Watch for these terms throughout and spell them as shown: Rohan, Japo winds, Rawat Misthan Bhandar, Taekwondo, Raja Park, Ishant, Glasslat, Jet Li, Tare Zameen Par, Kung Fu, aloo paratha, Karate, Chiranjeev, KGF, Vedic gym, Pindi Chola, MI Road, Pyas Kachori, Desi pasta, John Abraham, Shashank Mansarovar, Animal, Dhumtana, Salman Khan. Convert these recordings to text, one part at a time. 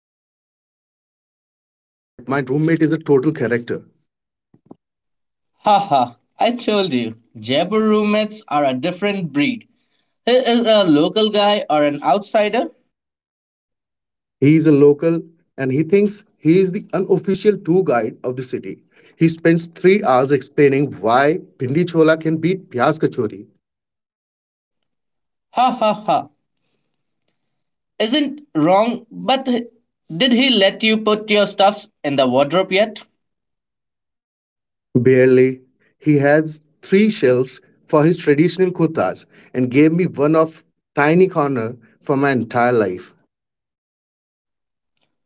Shashank, Mansarovar is nice, but my roommate is a total character. Haha, I told you, Jaipur roommates are a different breed. He is a local guy or an outsider? He is a local and he thinks he is the unofficial tour guide of the city. He spends 3 hours explaining why Pindi Chola can beat Pyas Kachori. Ha ha ha. Isn't wrong, but did he let you put your stuffs in the wardrobe yet? Barely. He has three shelves for his traditional kurtas and gave me one of tiny corner for my entire life.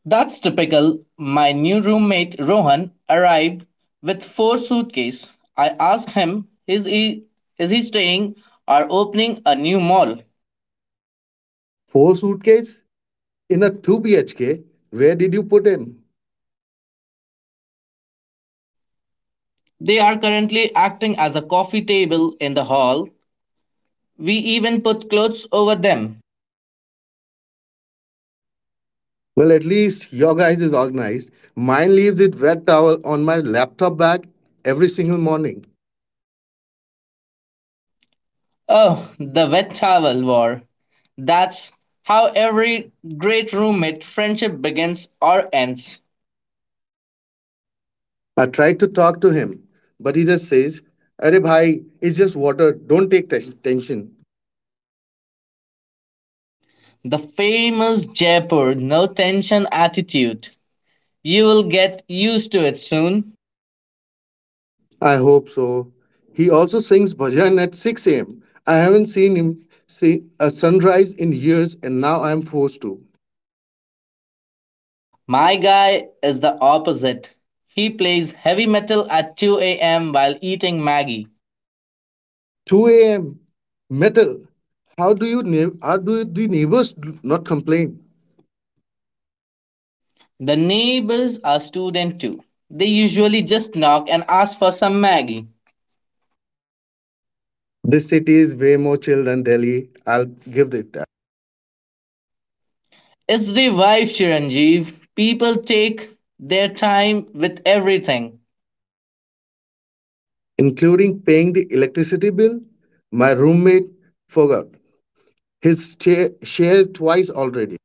That's typical. My new roommate Rohan arrived with four suitcases. I asked him, is he staying or opening a new mall? Four suitcases in a 2 BHK? Where did you put him? They are currently acting as a coffee table in the hall. We even put clothes over them. Well, at least your guys is organized. Mine leaves it wet towel on my laptop bag every single morning. Oh, the wet towel war. That's how every great roommate friendship begins or ends. I tried to talk to him, but he just says, "Arey, bhai, it's just water. Don't take tension. The famous Jaipur no tension attitude. You will get used to it soon. I hope so. He also sings bhajan at 6 a.m. I haven't seen him see a sunrise in years and now I am forced to. My guy is the opposite. He plays heavy metal at 2 a.m. while eating Maggie. 2 a.m. metal. How do the neighbors not complain? The neighbors are student too. They usually just knock and ask for some Maggie. This city is way more chill than Delhi. I'll give it that. It's the wife, Chiranjeev. People take their time with everything. Including paying the electricity bill, my roommate forgot his share twice already.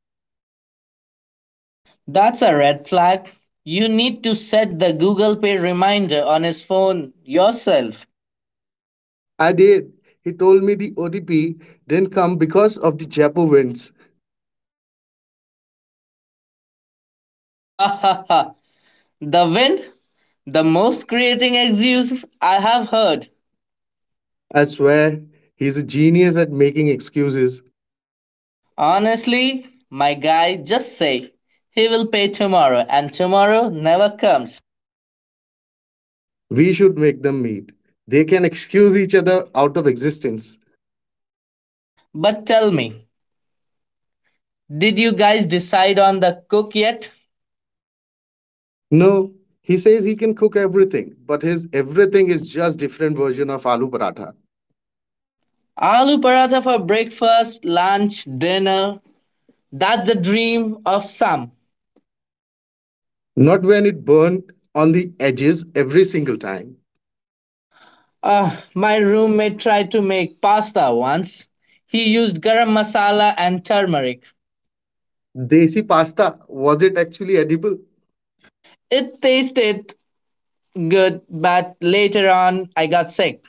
That's a red flag. You need to set the Google Pay reminder on his phone yourself. I did. He told me the OTP didn't come because of the Japo winds. Ha ha ha. The wind, the most creating excuse I have heard. I swear, he's a genius at making excuses. Honestly, my guy just say he will pay tomorrow and tomorrow never comes. We should make them meet. They can excuse each other out of existence. But tell me, did you guys decide on the cook yet? No, he says he can cook everything, but his everything is just different version of aloo paratha. Aloo paratha for breakfast, lunch, dinner. That's the dream of some. Not when it burned on the edges every single time. Ah, my roommate tried to make pasta once. He used garam masala and turmeric. Desi pasta, was it actually edible? It tasted good, but later on I got sick.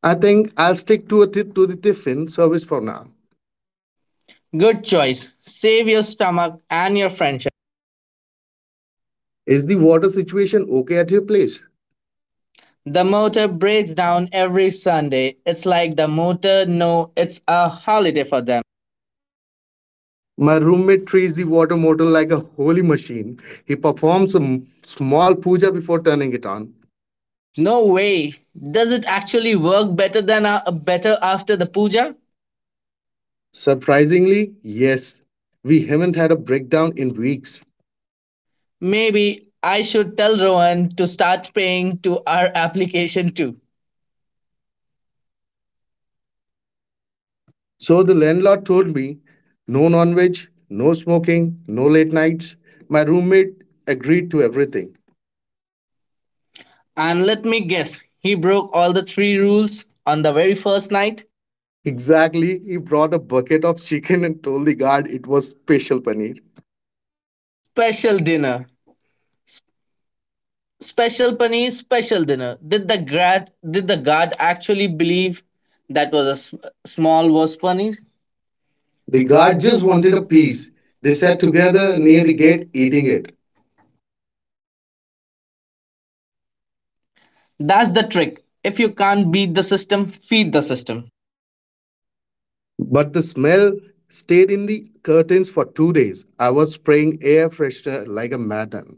I think I'll stick to the tiffin service for now. Good choice. Save your stomach and your friendship. Is the water situation okay at your place? The motor breaks down every Sunday. It's like the motor no, it's a holiday for them. My roommate treats the water motor like a holy machine. He performs a small puja before turning it on. No way. Does it actually work better than better after the puja? Surprisingly, yes. We haven't had a breakdown in weeks. Maybe I should tell Rohan to start paying to our application too. So the landlord told me, no non veg, no smoking, no late nights. My roommate agreed to everything. And let me guess, he broke all the three rules on the very first night. Exactly, he brought a bucket of chicken and told the guard it was special paneer. Special dinner. Special paneer, special dinner. Did the guard actually believe that was a small was paneer? The The guard guard just just wanted wanted a a piece. piece. They They sat sat together together near near the the gate gate eating eating it. it. That's the trick. If you can't beat the system, feed the system. But the smell stayed in the curtains for 2 days. I was spraying air freshener like a madman.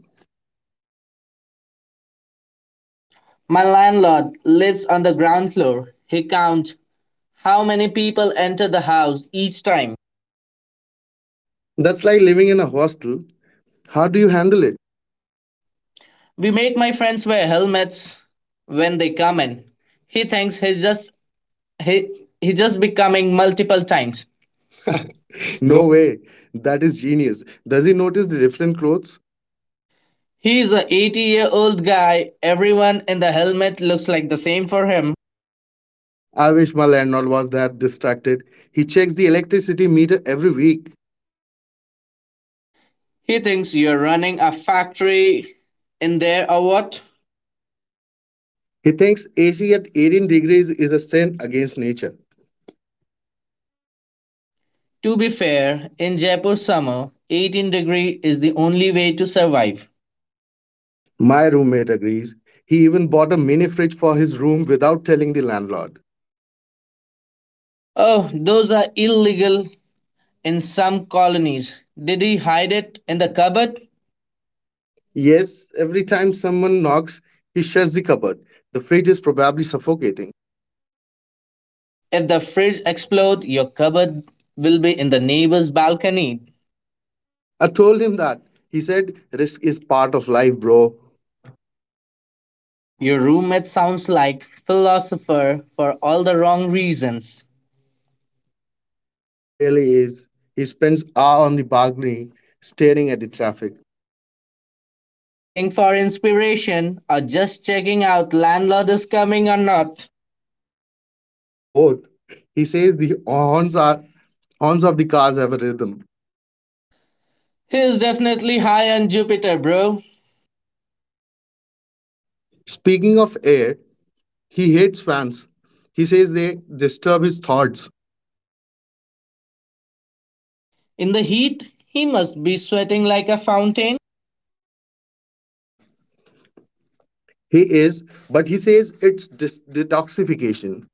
My landlord lives on the ground floor. He counts how many people enter the house each time. That's like living in a hostel. How do you handle it? We make my friends wear helmets when they come in. He thinks he's just becoming multiple times. No way. That is genius. Does he notice the different clothes? He's a 80-year-old guy. Everyone in the helmet looks like the same for him. I wish my landlord was that distracted. He checks the electricity meter every week. He thinks you're running a factory in there or what? He thinks AC at 18 degrees is a sin against nature. To be fair, in Jaipur summer, 18 degree is the only way to survive. My roommate agrees. He even bought a mini fridge for his room without telling the landlord. Oh, those are illegal in some colonies. Did he hide it in the cupboard? Yes, every time someone knocks, he shuts the cupboard. The fridge is probably suffocating. If the fridge explodes, your cupboard will be in the neighbor's balcony. I told him that. He said, "Risk is part of life, bro." Your roommate sounds like philosopher for all the wrong reasons. He really is. He spends hours on the balcony staring at the traffic. Looking for inspiration or just checking out landlord is coming or not? Both. He says the horns are horns of the cars have a rhythm. He is definitely high on Jupiter, bro. Speaking of air, he hates fans. He says they disturb his thoughts. In the heat, he must be sweating like a fountain. He is, but he says it's detoxification.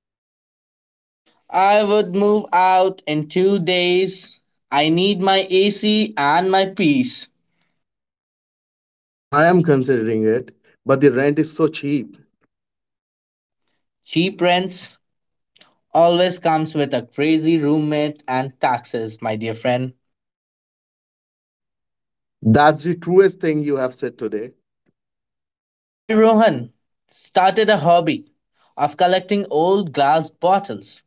I would move out in 2 days. I need my AC and my peace. I am considering it, but the rent is so cheap. Cheap rents always comes with a crazy roommate and taxes, my dear friend. That's the truest thing you have said today. My guy Rohan started a hobby of collecting old glass bottles.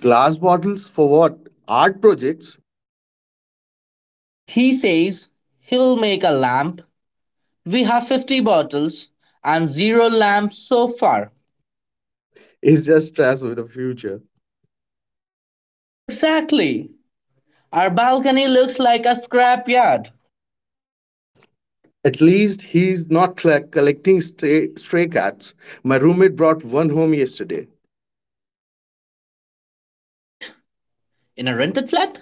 Glass bottles for what? Art projects He says he'll make a lamp. We have 50 bottles and zero lamps so far. is just stress with the future. Exactly. Our balcony looks like a scrapyard. At least he's not collecting stray cats. My roommate brought one home yesterday. A cat? In a rented flat?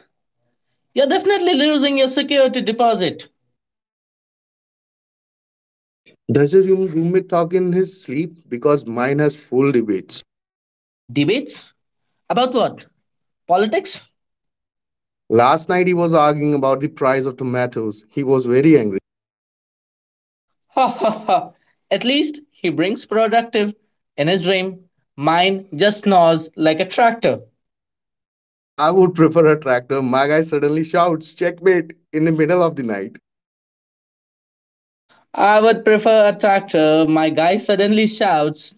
You're definitely losing your security deposit. Does your roommate talk in his sleep? Because mine has full debates. Debates? About what? Politics? Last night he was arguing about the price of tomatoes. He was very angry. Ha ha ha. At least he brings productive in his dream. Mine just snores like a tractor. I would prefer a tractor. My guy suddenly shouts, "Checkmate," in the middle of the night. I would prefer a tractor, my guy suddenly shouts.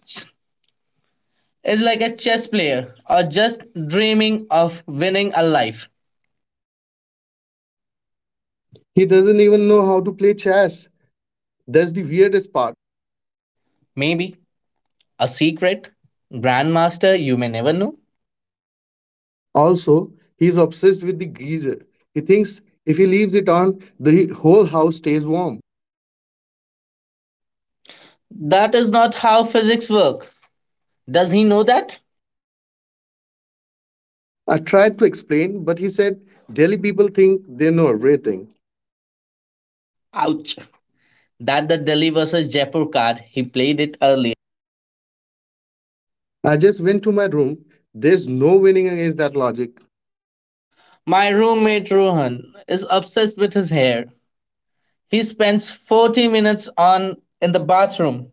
Is like a chess player or just dreaming of winning a life. He doesn't even know how to play chess. That's the weirdest part. Maybe a secret grandmaster you may never know. Also, he's obsessed with the geyser. He thinks if he leaves it on, the whole house stays warm. That is not how physics work. Does he know that? I tried to explain, but he said Delhi people think they know everything. Ouch. That the Delhi versus Jaipur card, he played it early. I just went to my room. There's no winning against that logic. My roommate Rohan is obsessed with his hair. He spends 40 minutes on in the bathroom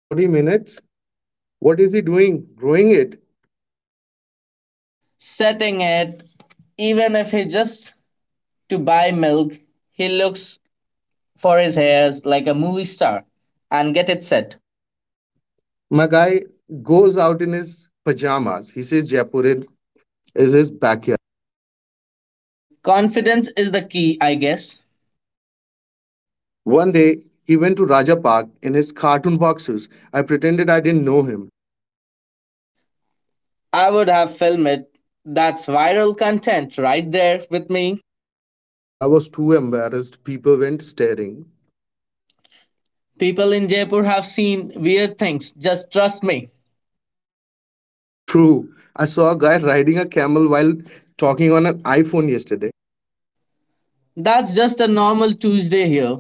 40 minutes? What is he doing? Growing it? setting it even if he just to buy milk. He looks for his hairs like a movie star and get it set. My guy goes out in his pajamas. He says Jaipur is his backyard. Confidence is the key, I guess. One day, he went to Raja Park in his cartoon boxers. I pretended I didn't know him. I would have filmed it. That's viral content right there with me. I was too embarrassed. People went staring. People in Jaipur have seen weird things, just trust me. True. I saw a guy riding a camel while talking on an iPhone yesterday. That's just a normal Tuesday here.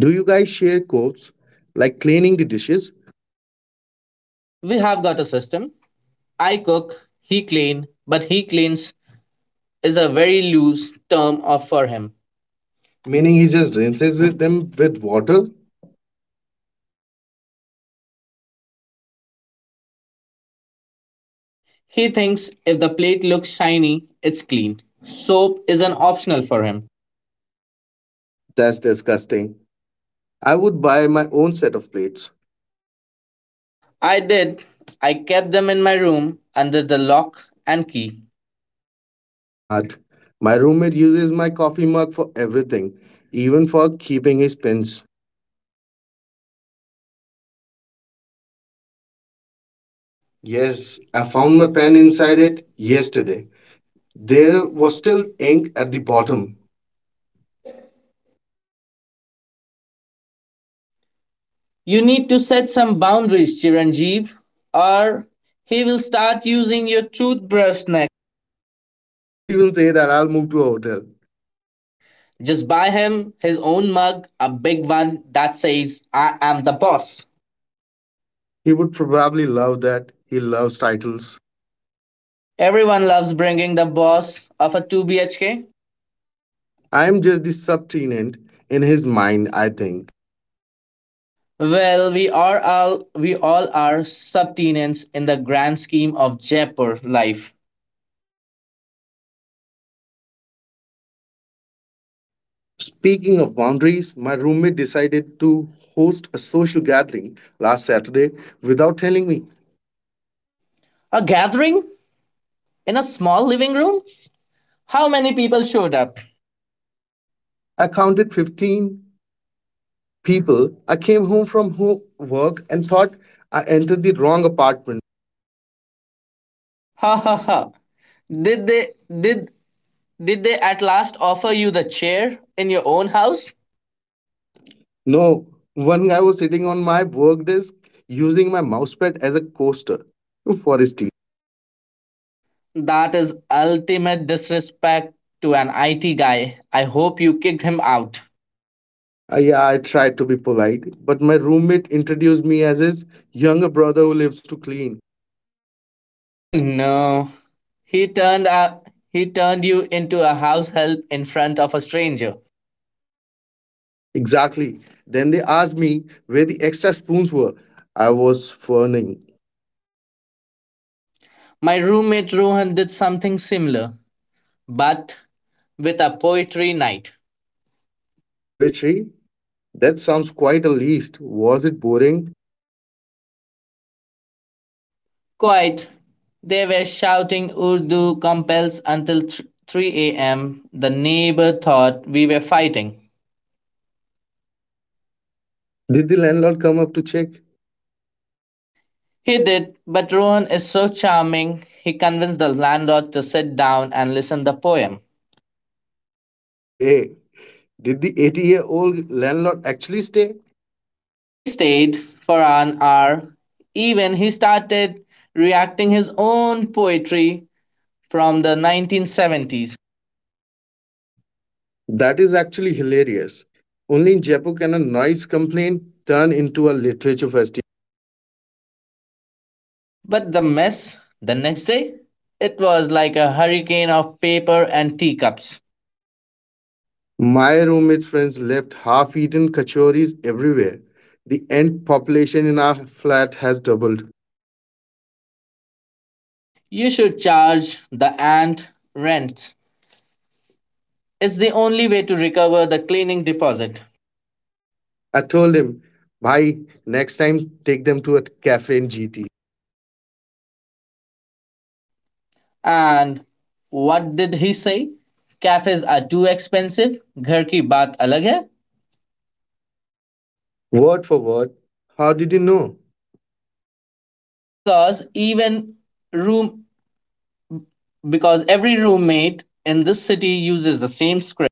Do you guys share quotes like cleaning the dishes? We have got a system. I cook, he clean, but he cleans is a very loose term of for him. Meaning Meaning he he just just rinses rinses with with them them with with water. water? He thinks if the plate looks shiny, it's clean. Soap is an optional for him. That's disgusting. I would buy my own set of plates. I did. I kept them in my room under the lock and key. Smart. My roommate uses my coffee mug for everything, even for keeping his pens. Yes, Yes, I I found found my my pen pen inside inside it it yesterday. yesterday. There There was was still still ink ink at at the the bottom. bottom. You need to set some boundaries, Chiranjeev, or he will start using your toothbrush next. Don't even say that, I'll move to a hotel. Just buy him his own mug, a big one that says, I am the boss. He would probably love that. He loves titles. Everyone loves bringing the boss of a 2 BHK. I'm just the subtenant in his mind, I think. Well, we all are subtenants in the grand scheme of Jaipur life. Speaking of boundaries, my roommate decided to host a social gathering last Saturday without telling me. A gathering in a small living room? How many people showed up? I counted 15 people. I came home from work and thought I entered the wrong apartment. Ha ha ha. Did they did did they at last offer you the chair in your own house? No, one guy was sitting on my work desk using my mousepad as a coaster for his tea. That is ultimate disrespect to an IT guy. I hope you kicked him out. Yeah, I tried to be polite, but my roommate introduced me as his younger brother who lives to clean. Oh no. He turned a, he turned you into a house help in front of a stranger. Exactly. Then they asked me where the extra spoons were. I was fawning. My roommate Rohan did something similar, but with a poetry night. Poetry? That sounds quite a list. Was it boring? Quite. They were shouting Urdu compels until 3 a.m. The neighbor thought we were fighting. Did the landlord come up to check? He did, but Rohan is so charming. He convinced the landlord to sit down and listen the poem. No way. Did the 80-year-old landlord actually stay? He stayed for an hour. Even he started reacting his own poetry from the 1970s. That is actually hilarious. Only in Jaipur can a noise complaint turn into a literature festival. But the mess the next day, it was like a hurricane of paper and teacups. My roommate's friends left half eaten kachoris everywhere. The ant population in our flat has doubled. You should charge the ant rent. It's the only way to recover the cleaning deposit. I told him, "Bhai, next time take them to a cafe in GT." And what did he say? Cafes are too expensive. Ghar ki baat alag hai. Word for word, how did you know? Because even room because every roommate in this city uses the same script.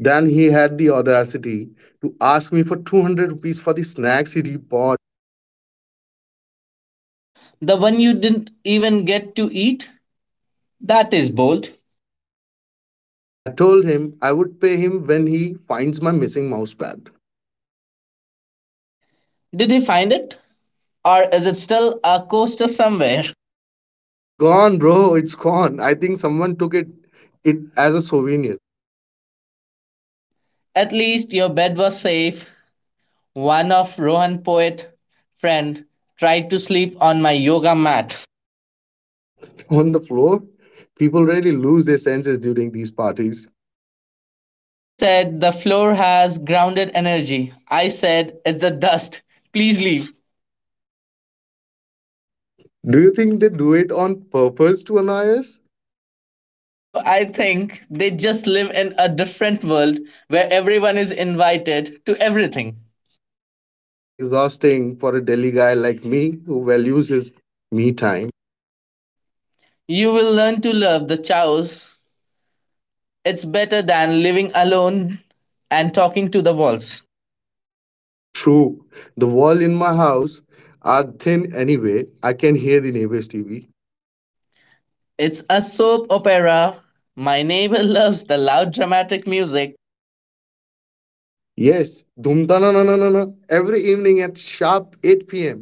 Then he had the audacity to ask me for 200 rupees for the snacks he bought. The one you didn't even get to eat? That is bold. I told him I would pay him when he finds my missing mousepad. Did you find it? Or is it still a coaster somewhere? It's gone, bro. It's gone. I think someone took it as a souvenir. At least your bed was safe. One of Rohan poet friend tried to sleep on my yoga mat. On the floor, people really lose their senses during these parties. He said the floor has grounded energy. I said it's the dust. Please leave. Do you think they do it on purpose to annoy us? No, I think they just live in a different world where everyone is invited to everything. Is exhausting for a Delhi guy like me who values his me time. You will learn to love the chows. It's better than living alone and talking to the walls. True, the wall in my house are thin anyway. I can hear the neighbors' TV. It's a soap opera. My neighbor loves the loud dramatic music. Yes, Dhumtana na na na na every evening at sharp 8 p.m.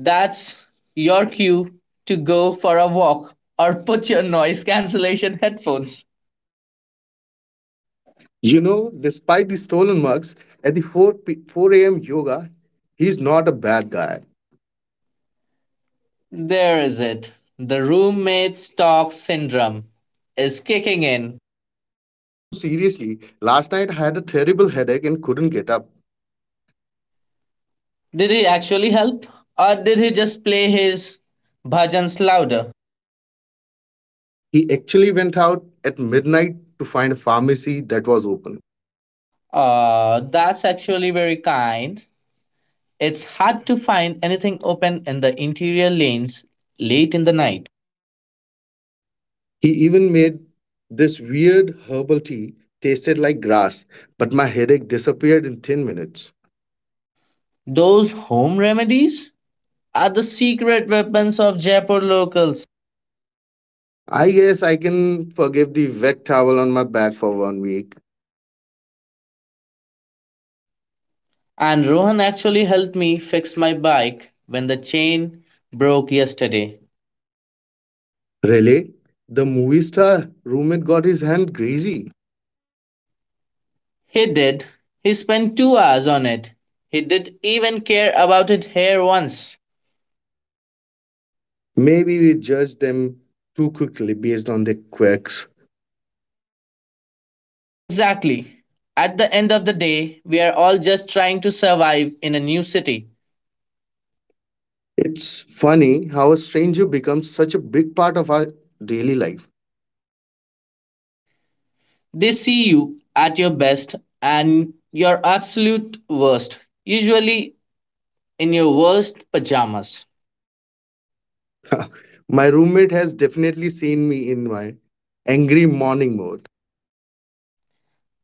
That's your cue to go for a walk or put your noise cancellation headphones. You know, despite the stolen mugs, at the 4 a.m. yoga, he's not a bad guy. There is it. The roommates talk syndrome is kicking in. No, seriously, last night I had a terrible headache and couldn't get up. Did he actually help? Or did he just play his bhajans louder? He actually went out at midnight to find a pharmacy that was open. That's actually very kind. It's hard to find anything open in the interior lanes late in the night. He even made this weird herbal tea, tasted like grass, but my headache disappeared in 10 minutes. Those home remedies are the secret weapons of Jaipur locals. I guess I can forgive the wet towel on my back for one week. And Rohan actually helped me fix my bike when the chain broke yesterday. Really? The movie star roommate got his hand greasy. He did. He spent 2 hours on it. He didn't even care about it here once. Maybe we judged them too quickly based on their quirks. Exactly. At the end of the day, we are all just trying to survive in a new city. It's funny how a stranger becomes such a big part of our daily life. They see you at your best and your absolute worst, usually in your worst pajamas. My roommate has definitely seen me in my angry morning mode.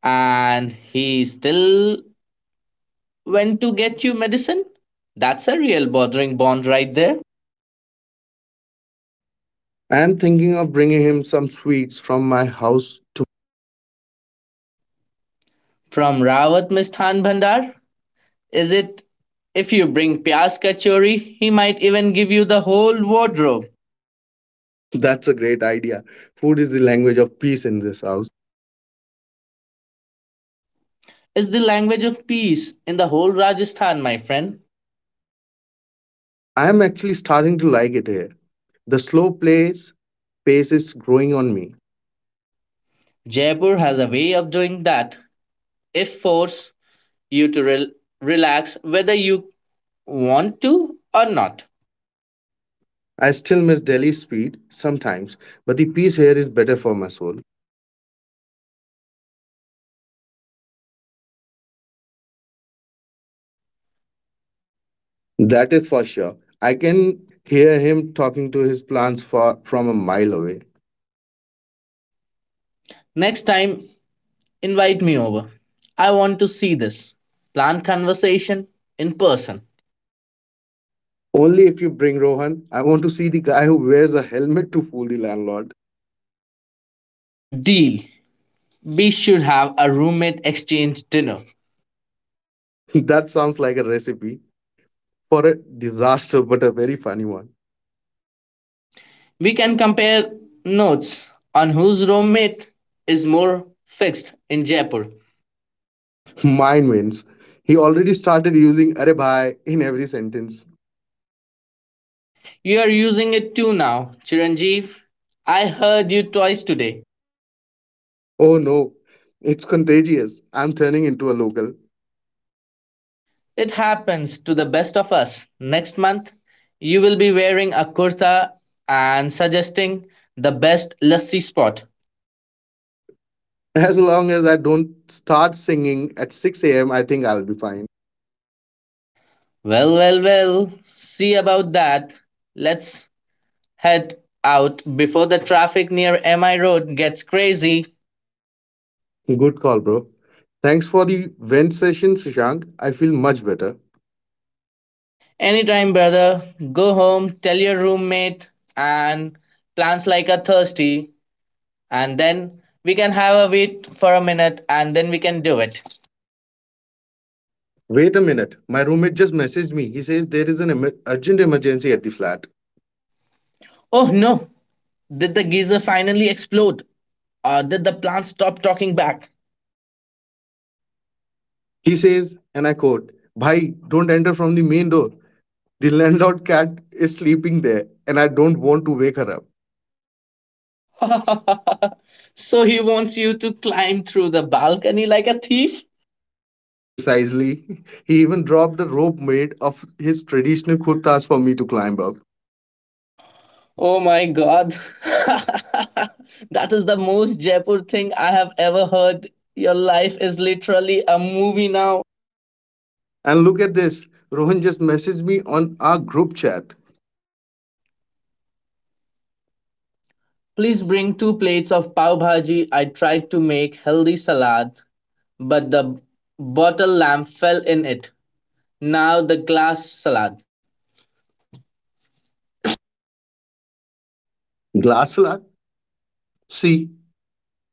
And he still went to get you medicine? That's a real bothering bond right there. I'm thinking of bringing him some sweets from my house. From Rawat Misthan Bhandar? Is it if you bring Pyas Kachori, he might even give you the whole wardrobe. That's a great idea. Food is the language of peace in this house. Is the language of peace in the whole Rajasthan, my friend. I am actually starting to like it here. The slow pace is growing on me. Jaipur has a way of doing that. If force you to relax whether you want to or not. I still miss Delhi's speed sometimes, but the peace here is better for my soul. That is for sure. I can hear him talking to his plants from a mile away. Next time, invite me over. I want to see this. Plan conversation in person. Only if you bring Rohan. I want to see the guy who wears a helmet to fool the landlord. Deal. We should have a roommate exchange dinner. That sounds like a recipe for a disaster, but a very funny one. We can compare notes on whose roommate is more fixed in Jaipur. Mine wins. He already started using "arey bhai" in every sentence. You're using it too now, Chiranjeev. I heard you twice today. Oh no, it's contagious. I'm turning into a local. It happens to the best of us. Next month, you will be wearing a kurta and suggesting the best lassi spot. As long as I don't start singing at 6 a.m., I think I'll be fine. Well, well, well, see about that. Let's head out before the traffic near MI Road gets crazy. Good call, bro. Thanks for the vent session, Shishank. I feel much better. Anytime, brother. Go home, tell your roommate, and plans like a thirsty. And then we can have a wait for a minute and then we can do it. Wait a minute. My roommate just messaged me. He says there is an urgent emergency at the flat. Oh no! Did the geyser finally explode? Or did the plant stop talking back? He says, and I quote, "Bhai, don't enter from the main door. The landlord cat is sleeping there, and I don't want to wake her up." So he wants you to climb through the balcony like a thief? Precisely. He even dropped a rope made of his traditional kurtas for me to climb up. Oh my god. That is the most Jaipur thing I have ever heard. Your life is literally a movie now. And look at this. Rohan just messaged me on our group chat. Please bring two plates of pav bhaji. I tried to make healthy salad, but the bottle lamp fell in it. Now the glass salad. Glasslat. See,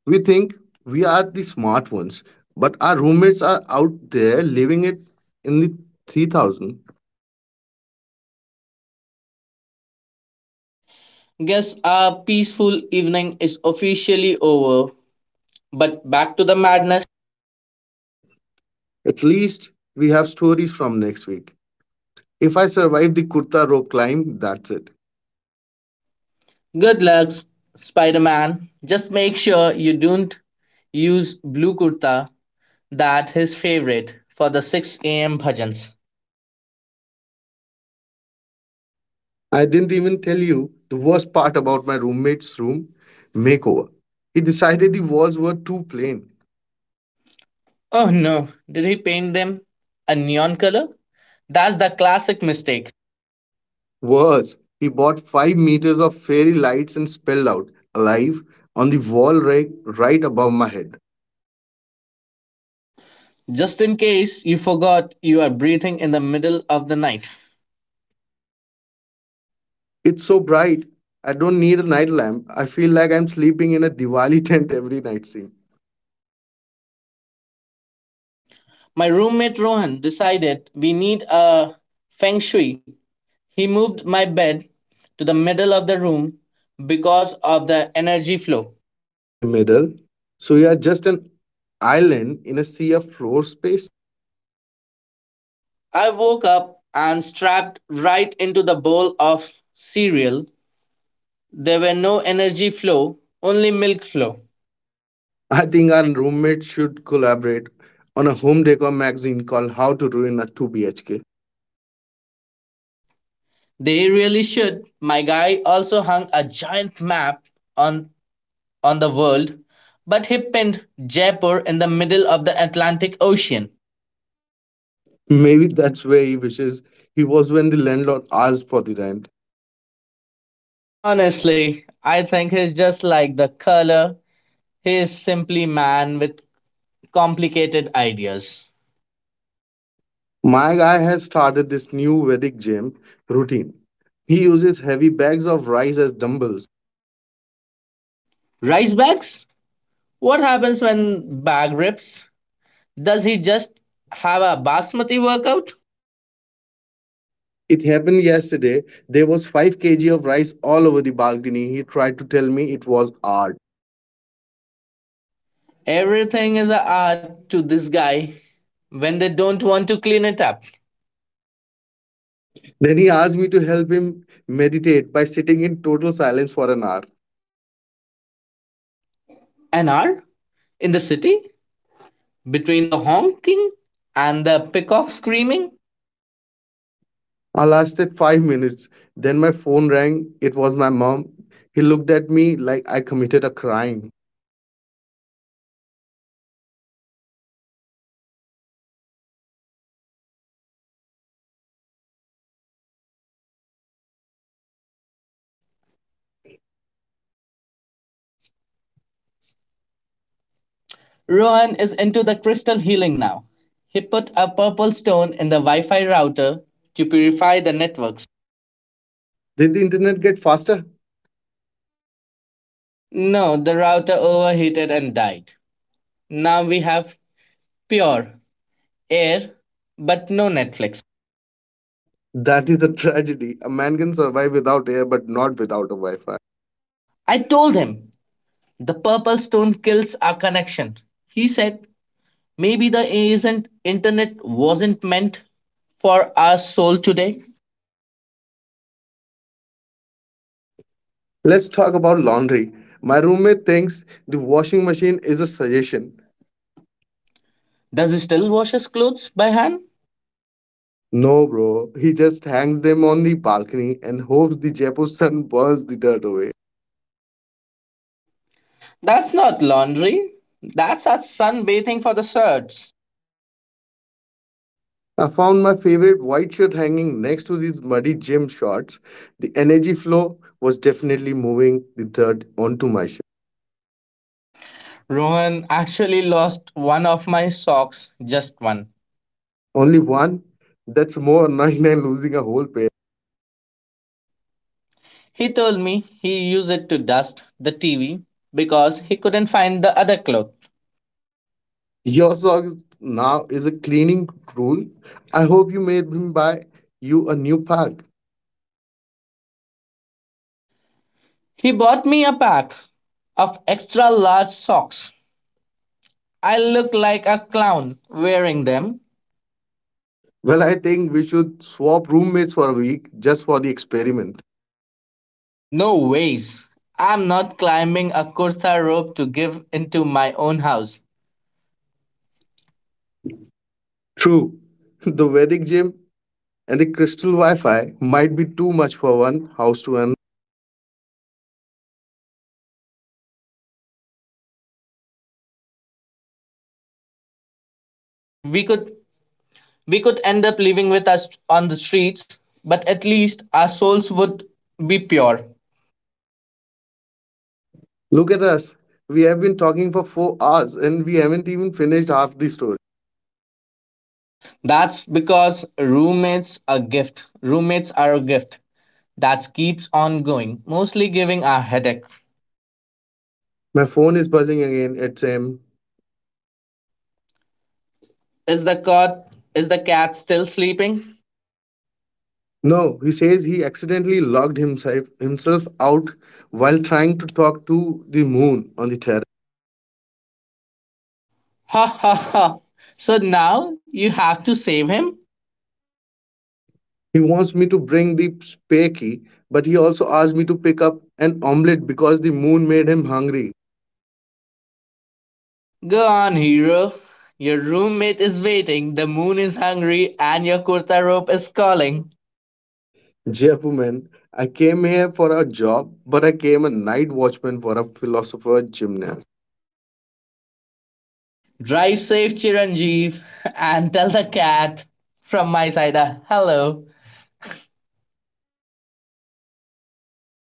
we think we are the smart ones, but our roommates are out there living it in the 3,000. Guess our peaceful evening is officially over. But back to the madness. At least we have stories from next week. If I survive the kurta rope climb, that's it. Good luck, Spider Man. Just make sure you don't use blue kurta, that his favorite, for the 6 a.m. bhajans. I didn't even tell you the worst part about my roommate's room makeover. He decided the walls were too plain. Oh no, did he paint them a neon color? That's the classic mistake. Worse, he bought 5 meters of fairy lights and spelled out "alive" on the wall right above my head. Just in case you forgot you are breathing in the middle of the night. It's so bright, I don't need a night lamp. I feel like I'm sleeping in a Diwali tent every night scene. My roommate Rohan decided we need a feng shui. He moved my bed to the middle of the room because of the energy flow. In the middle, so you are just an island in a sea of floor space. I woke up and strapped right into the bowl of cereal. There were no energy flow, only milk flow. I think our roommates should collaborate on a home decor magazine called How to Ruin a 2 BHK. They really should. My guy also hung a giant map on on the world, but he pinned Jaipur in the middle of the Atlantic Ocean. Maybe that's where he wishes he was when the landlord asked for the rent. Honestly, I think he's just like the color. He is simply man with complicated ideas. My guy has started this new Vedic gym routine. He uses heavy bags of rice as dumbbells. Rice bags? What happens when bag rips? Does he just have a basmati workout? It happened yesterday. There was 5 kg of rice all over the balcony. He tried to tell me it was art. Everything is a art to this guy when they don't want to clean it up. Then he asked me to help him meditate by sitting in total silence for an hour. An hour in the city between the honking and the peacock screaming? I lasted 5 minutes. Then my phone rang. It was my mom. He looked at me like I committed a crime. Rohan is into the crystal healing now. He put a purple stone in the Wi Fi router to purify the networks. Did the internet get faster? No, the router overheated and died. Now we have pure air, but no Netflix. That is a tragedy. A man can survive without air, but not without a Wi Fi. I told him the purple stone kills our connection. He said maybe the isn't internet wasn't meant for our soul today. Let's talk about laundry. My roommate thinks the washing machine is a suggestion. Does he still wash his clothes by hand? No, bro. He just hangs them on the balcony and hopes the Jaipur sun burns the dirt away. That's not laundry. That's a sunbathing for the shirts. I found my favorite white shirt hanging next to these muddy gym shorts. The energy flow was definitely moving the dirt onto my shoes. Rohan actually lost one of my socks, just one. Only one? That's more annoying than losing a whole pair. He told me he used it to dust the TV because he couldn't find the other cloth. Your socks now is a cleaning rule. I hope you made him buy you a new pack. He bought me a pack of extra large socks. I look like a clown wearing them. Well, I think we should swap roommates for a week just for the experiment. No ways. I'm not climbing a kurta rope to give into my own house. True. The Vedic gym and the crystal Wi Fi might be too much for one house to another. We could We could end up living with us on the streets, but at least our souls would be pure. Look at us. We have been talking for 4 hours and we haven't even finished half the story. That's because roommates are a gift. Roommates are a gift that keeps on going, mostly giving our headache. My phone is buzzing again. It's him. Is the cat still sleeping? No, he says he accidentally logged himself out while trying to talk to the moon on the terrace. Ha ha ha. So now you have to save him? He wants me to bring the spare key, but he also asked me to pick up an omelette because the moon made him hungry. Go on, hero. Your roommate is waiting, the moon is hungry, and your kurta rope is calling. Japu man, I came here for a job, but I came a night watchman for a philosopher gymnast. Drive safe, Chiranjeev, and tell the cat from my side a hello.